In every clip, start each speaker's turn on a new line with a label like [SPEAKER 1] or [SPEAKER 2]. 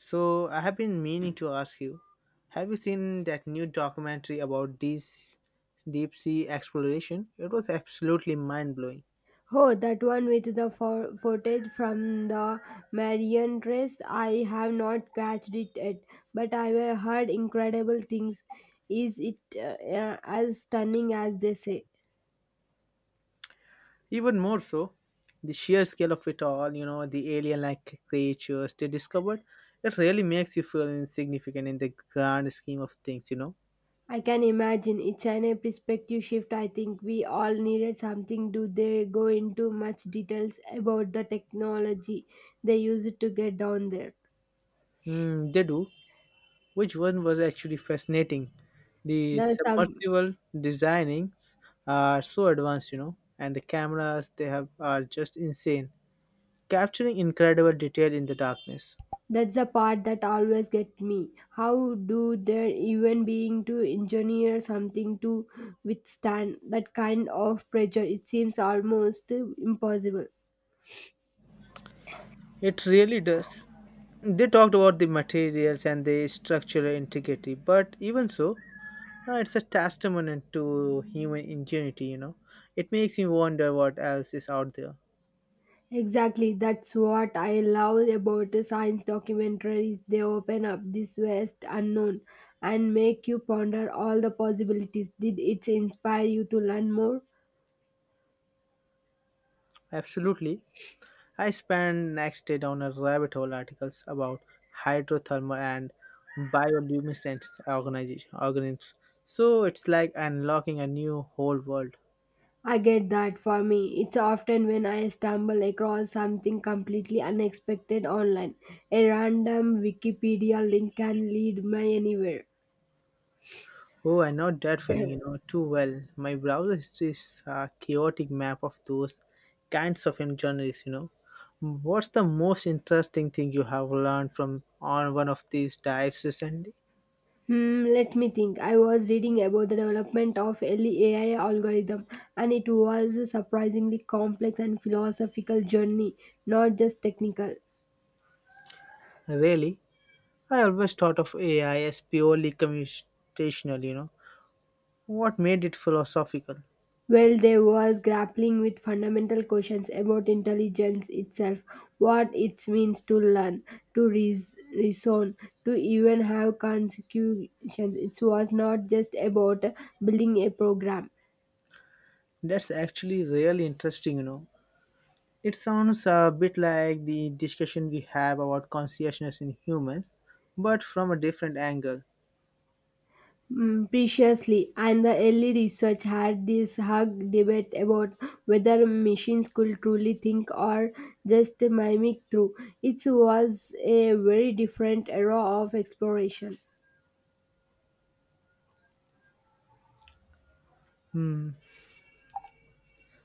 [SPEAKER 1] So I have been meaning to ask you, have you seen that new documentary about this deep sea exploration? It was absolutely mind blowing.
[SPEAKER 2] Oh, that one with the footage from the Marian race. I have not catched it yet, but I have heard incredible things. Is it as stunning as they say?
[SPEAKER 1] Even more so, the sheer scale of it all, you know, the alien like creatures they discovered, it really makes you feel insignificant in the grand scheme of things, you know.
[SPEAKER 2] I can imagine. It's an a perspective shift. I think we all needed something. Do they go into much details about the technology they used to get down there?
[SPEAKER 1] Mm, they do. Which one was actually fascinating? The
[SPEAKER 2] There's some.
[SPEAKER 1] submersible designings are so advanced, you know, and the cameras they have are just insane capturing incredible detail in the darkness.
[SPEAKER 2] That's the part that always gets me. How do they even being to engineer something to withstand that kind of pressure? It seems almost impossible.
[SPEAKER 1] It really does. They talked about the materials and the structural integrity, but even so, it's a testament to human ingenuity, you know. It makes me wonder what else is out there.
[SPEAKER 2] Exactly, that's what I love about science documentaries. They open up this vast unknown and make you ponder all the possibilities. Did it inspire you to learn more?
[SPEAKER 1] Absolutely. I spent next day down a rabbit hole articles about hydrothermal and bioluminescent organization organisms. So it's like unlocking a new whole world.
[SPEAKER 2] I get that for me. It's often when I stumble across something completely unexpected online. A random Wikipedia link can lead me anywhere.
[SPEAKER 1] Oh, I know that feeling, you know, too well. My browser history is a chaotic map of those kinds of journeys, you know. What's the most interesting thing you have learned from on one of these dives recently?
[SPEAKER 2] Hmm, let me think. I was reading about the development of early AI algorithm, and it was a surprisingly complex and philosophical journey, not just technical.
[SPEAKER 1] Really? I always thought of AI as purely computational, you know. What made it philosophical?
[SPEAKER 2] Well, they was grappling with fundamental questions about intelligence itself, what it means to learn, to reason, to even have consecutions. It was not just about building a program.
[SPEAKER 1] That's actually really interesting, you know. It sounds a bit like the discussion we have about consciousness in humans, but from a different angle.
[SPEAKER 2] Mm, preciously, and the early research had this hug debate about whether machines could truly think or just mimic through. It was a very different era of exploration.
[SPEAKER 1] Hmm.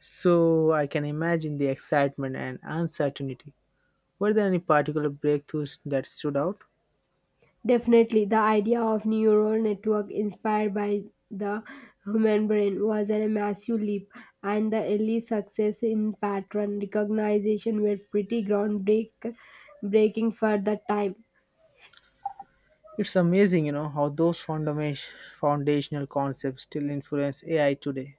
[SPEAKER 1] So I can imagine the excitement and uncertainty. Were there any particular breakthroughs that stood out?
[SPEAKER 2] Definitely, the idea of neural network inspired by the human brain was a massive leap, and the early success in pattern recognition were pretty groundbreaking for the time.
[SPEAKER 1] It's amazing, you know, how those foundational concepts still influence AI today.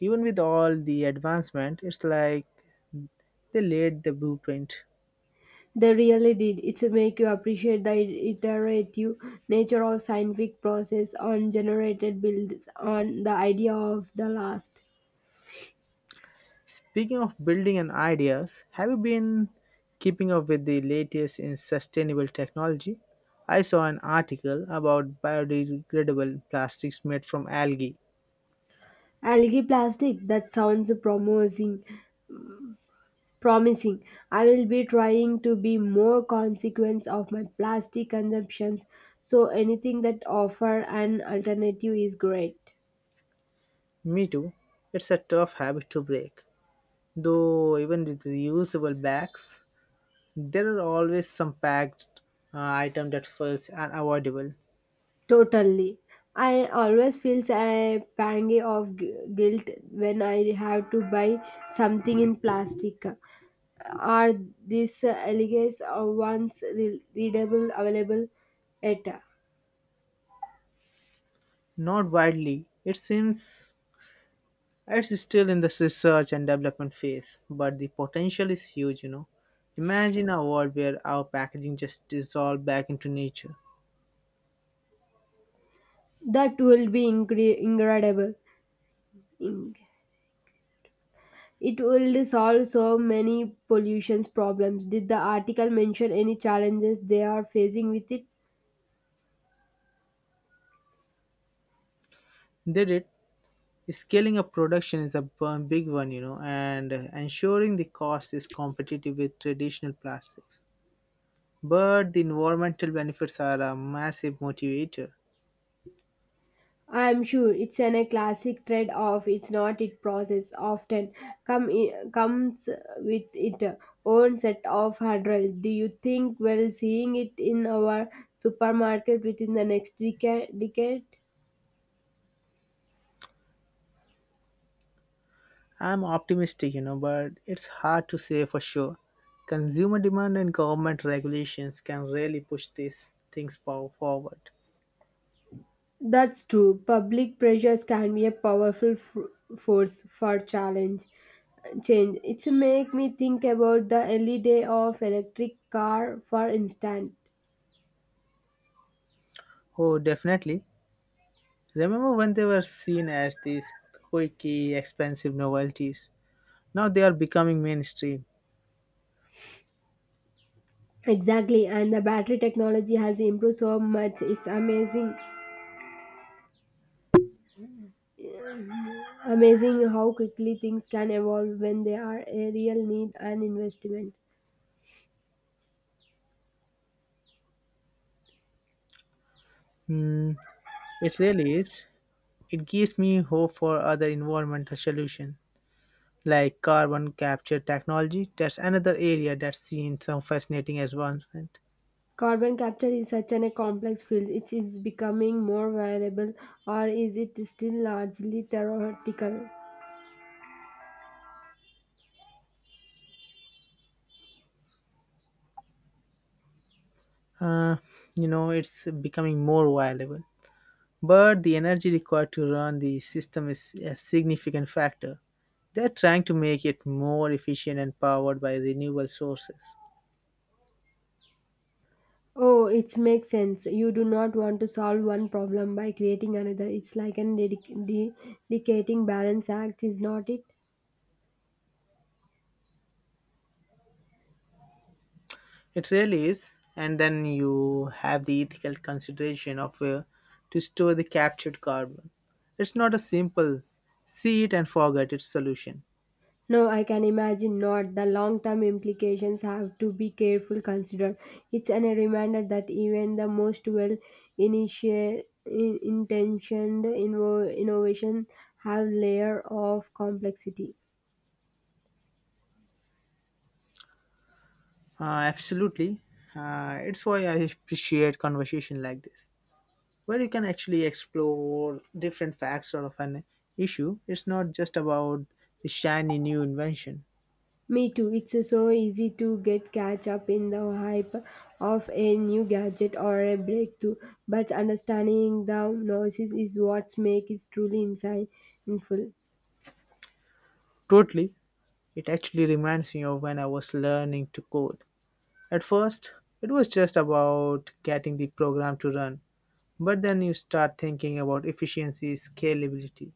[SPEAKER 1] Even with all the advancement, it's like they laid the blueprint.
[SPEAKER 2] They really did. It's make you appreciate the iterative nature of scientific process on generated builds on the idea of the last.
[SPEAKER 1] Speaking of building and ideas, have you been keeping up with the latest in sustainable technology? I saw an article about biodegradable plastics made from algae.
[SPEAKER 2] Algae plastic, that sounds promising. Promising. I will be trying to be more consequence of my plastic consumptions, so anything that offer an alternative is great.
[SPEAKER 1] Me too. It's a tough habit to break. Though, even with reusable bags, there are always some packed item that feels unavoidable.
[SPEAKER 2] Totally. I always feel a pang of guilt when I have to buy something in plastic. Are these elegance ones readable available at?
[SPEAKER 1] Not widely. It seems it's still in the research and development phase, but the potential is huge, you know. Imagine a world where our packaging just dissolved back into nature.
[SPEAKER 2] That will be incredible. It will solve so many pollution problems. Did the article mention any challenges they are facing with it?
[SPEAKER 1] Did it? Scaling up production is a big one, you know, and ensuring the cost is competitive with traditional plastics, but the environmental benefits are a massive motivator.
[SPEAKER 2] I am sure it's an, a classic trade-off. It's not it process often comes with its own set of hurdles. Do you think well seeing it in our supermarket within the next decade?
[SPEAKER 1] I'm optimistic, you know, but it's hard to say for sure. Consumer demand and government regulations can really push these things forward.
[SPEAKER 2] That's true. Public pressures can be a powerful force for challenge. Change. It's make me think about the early day of electric car, for instance.
[SPEAKER 1] Oh, definitely. Remember when they were seen as these quirky, expensive novelties? Now they are becoming mainstream.
[SPEAKER 2] Exactly, and the battery technology has improved so much. It's amazing how quickly things can evolve when they are a real need and investment.
[SPEAKER 1] Hmm, it really is. It gives me hope for other environmental solutions, like carbon capture technology. That's another area that's seen some fascinating advancement.
[SPEAKER 2] Carbon capture is such an, a complex field. It is becoming more variable, or is it still largely theoretical?
[SPEAKER 1] Uh, you know, it's becoming more viable. But the energy required to run the system is a significant factor. They're trying to make it more efficient and powered by renewable sources.
[SPEAKER 2] Oh, it makes sense. You do not want to solve one problem by creating another. It's like an dedicating balance act, is not it?
[SPEAKER 1] It really is. And then you have the ethical consideration of where to store the captured carbon. It's not a simple see it and forget it solution.
[SPEAKER 2] No, I can imagine not. The long term implications have to be careful considered. It's an, a reminder that even the most well intentioned innovation have layer of complexity.
[SPEAKER 1] Absolutely. It's why I appreciate conversation like this, where you can actually explore different facts of an issue. It's not just about the shiny new invention.
[SPEAKER 2] Me too. It's so easy to get catch up in the hype of a new gadget or a breakthrough, but understanding the noises is what makes it truly insightful.
[SPEAKER 1] Totally. It actually reminds me of when I was learning to code. At first, it was just about getting the program to run, but then you start thinking about efficiency, scalability.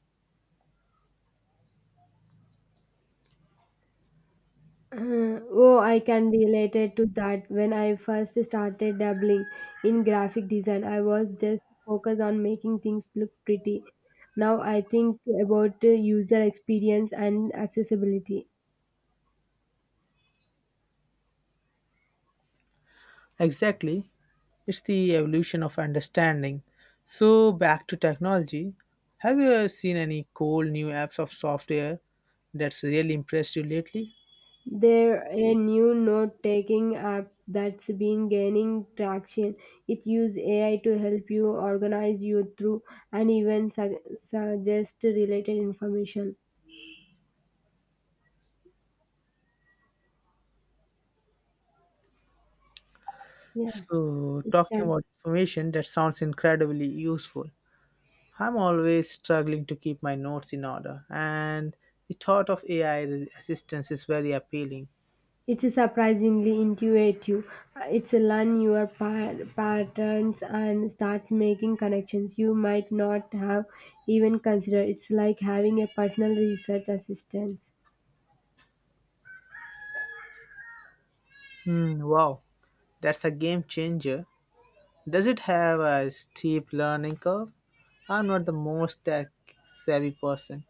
[SPEAKER 2] Oh, I can relate it to that. When I first started dabbling in graphic design, I was just focused on making things look pretty. Now I think about user experience and accessibility.
[SPEAKER 1] Exactly. It's the evolution of understanding. So, back to technology. Have you ever seen any cool new apps of software that's really impressed you lately?
[SPEAKER 2] There a new note-taking app that's been gaining traction. It uses AI to help you organize your through and even suggest related information. Yeah,
[SPEAKER 1] So,
[SPEAKER 2] it's
[SPEAKER 1] talking
[SPEAKER 2] done.
[SPEAKER 1] about information that sounds incredibly useful. I'm always struggling to keep my notes in order, and the thought of AI assistance is very appealing.
[SPEAKER 2] It's surprisingly intuitive. It's learn your patterns and starts making connections you might not have even considered. It's like having a personal research assistant.
[SPEAKER 1] Hmm, wow, that's a game changer. Does it have a steep learning curve? I'm not the most tech savvy person.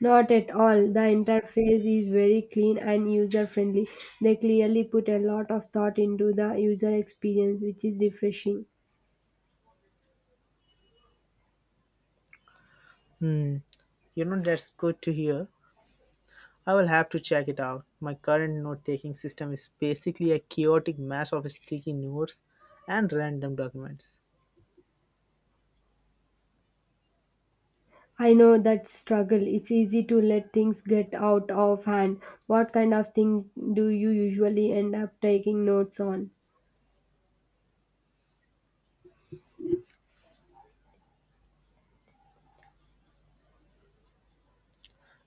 [SPEAKER 2] Not at all. The interface is very clean and user friendly. They clearly put a lot of thought into the user experience, which is refreshing.
[SPEAKER 1] Hmm, you know, that's good to hear. I will have to check it out. My current note taking system is basically a chaotic mess of sticky notes and random documents.
[SPEAKER 2] I know that struggle. It's easy to let things get out of hand. What kind of thing do you usually end up taking notes on?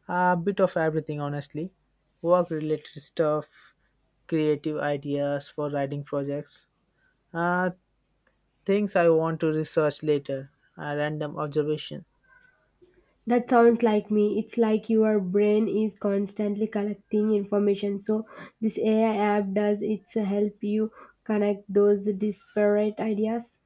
[SPEAKER 1] A bit of everything, honestly. Work related stuff, creative ideas for writing projects, uh, things I want to research later, a random observation.
[SPEAKER 2] That sounds like me. It's like your brain is constantly collecting information. So, this AI app does it's help you connect those disparate ideas.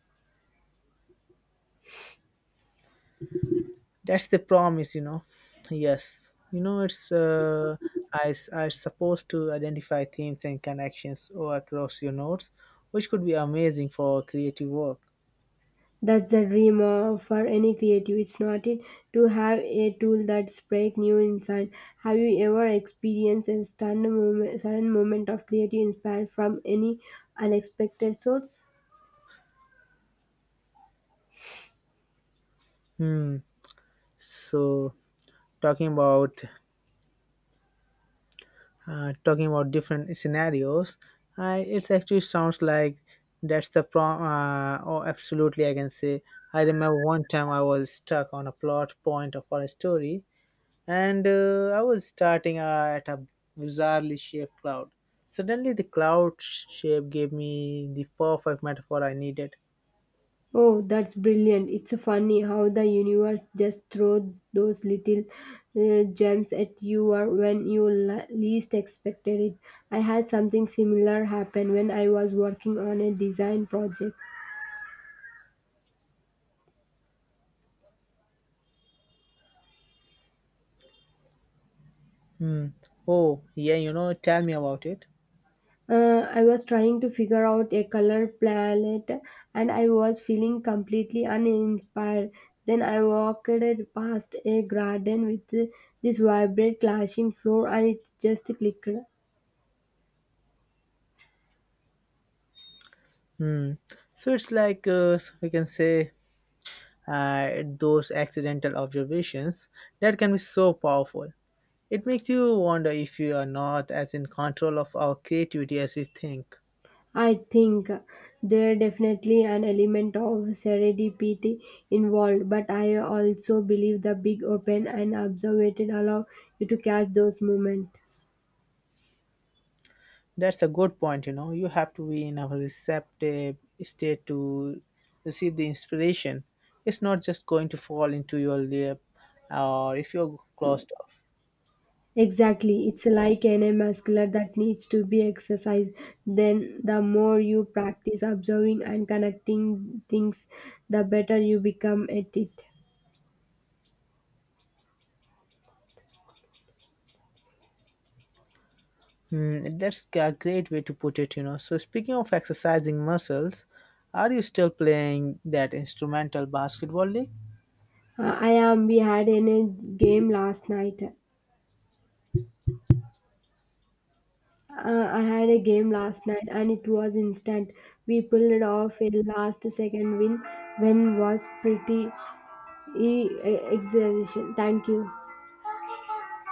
[SPEAKER 1] That's the promise, you know. Yes, you know it's I supposed to identify themes and connections all across your notes, which could be amazing for creative work.
[SPEAKER 2] That's the dream of, for any creative. It's not it to have a tool that spark new insight. Have you ever experienced a sudden moment of creative inspired from any unexpected source?
[SPEAKER 1] Hmm. So talking about talking about different scenarios, I it actually sounds like that's the prom. Oh, absolutely, I can say. I remember one time I was stuck on a plot point of a story and I was starting at a bizarrely shaped cloud. Suddenly, the shape gave me the perfect metaphor I needed.
[SPEAKER 2] Oh, that's brilliant. It's funny how the universe just throws those little gems at you or when you least expected it. I had something similar happen when I was working on a design project.
[SPEAKER 1] Hmm. Oh, yeah, you know, tell me about it.
[SPEAKER 2] I was trying to figure out a color palette and I was feeling completely uninspired. Then I walked past a garden with this vibrant clashing floor and it just clicked.
[SPEAKER 1] Hmm. So it's like we can say those accidental observations that can be so powerful. It makes you wonder if you are not as in control of our creativity as we think.
[SPEAKER 2] I think there definitely an element of serendipity involved, but I also believe the big open and observed allow you to catch those moments.
[SPEAKER 1] That's a good point, you know. You have to be in a receptive state to receive the inspiration. It's not just going to fall into your lap or if you're closed off.
[SPEAKER 2] Exactly, it's like any muscular that needs to be exercised. Then, the more you practice observing and connecting things, the better you become at it.
[SPEAKER 1] Hmm, that's a great way to put it, you know. So, speaking of exercising muscles, are you still playing that instrumental basketball league?
[SPEAKER 2] I am. We had in a game last night. I had a game last night, and it was instant. We pulled off a last second win. When was pretty exhilaration. Thank you.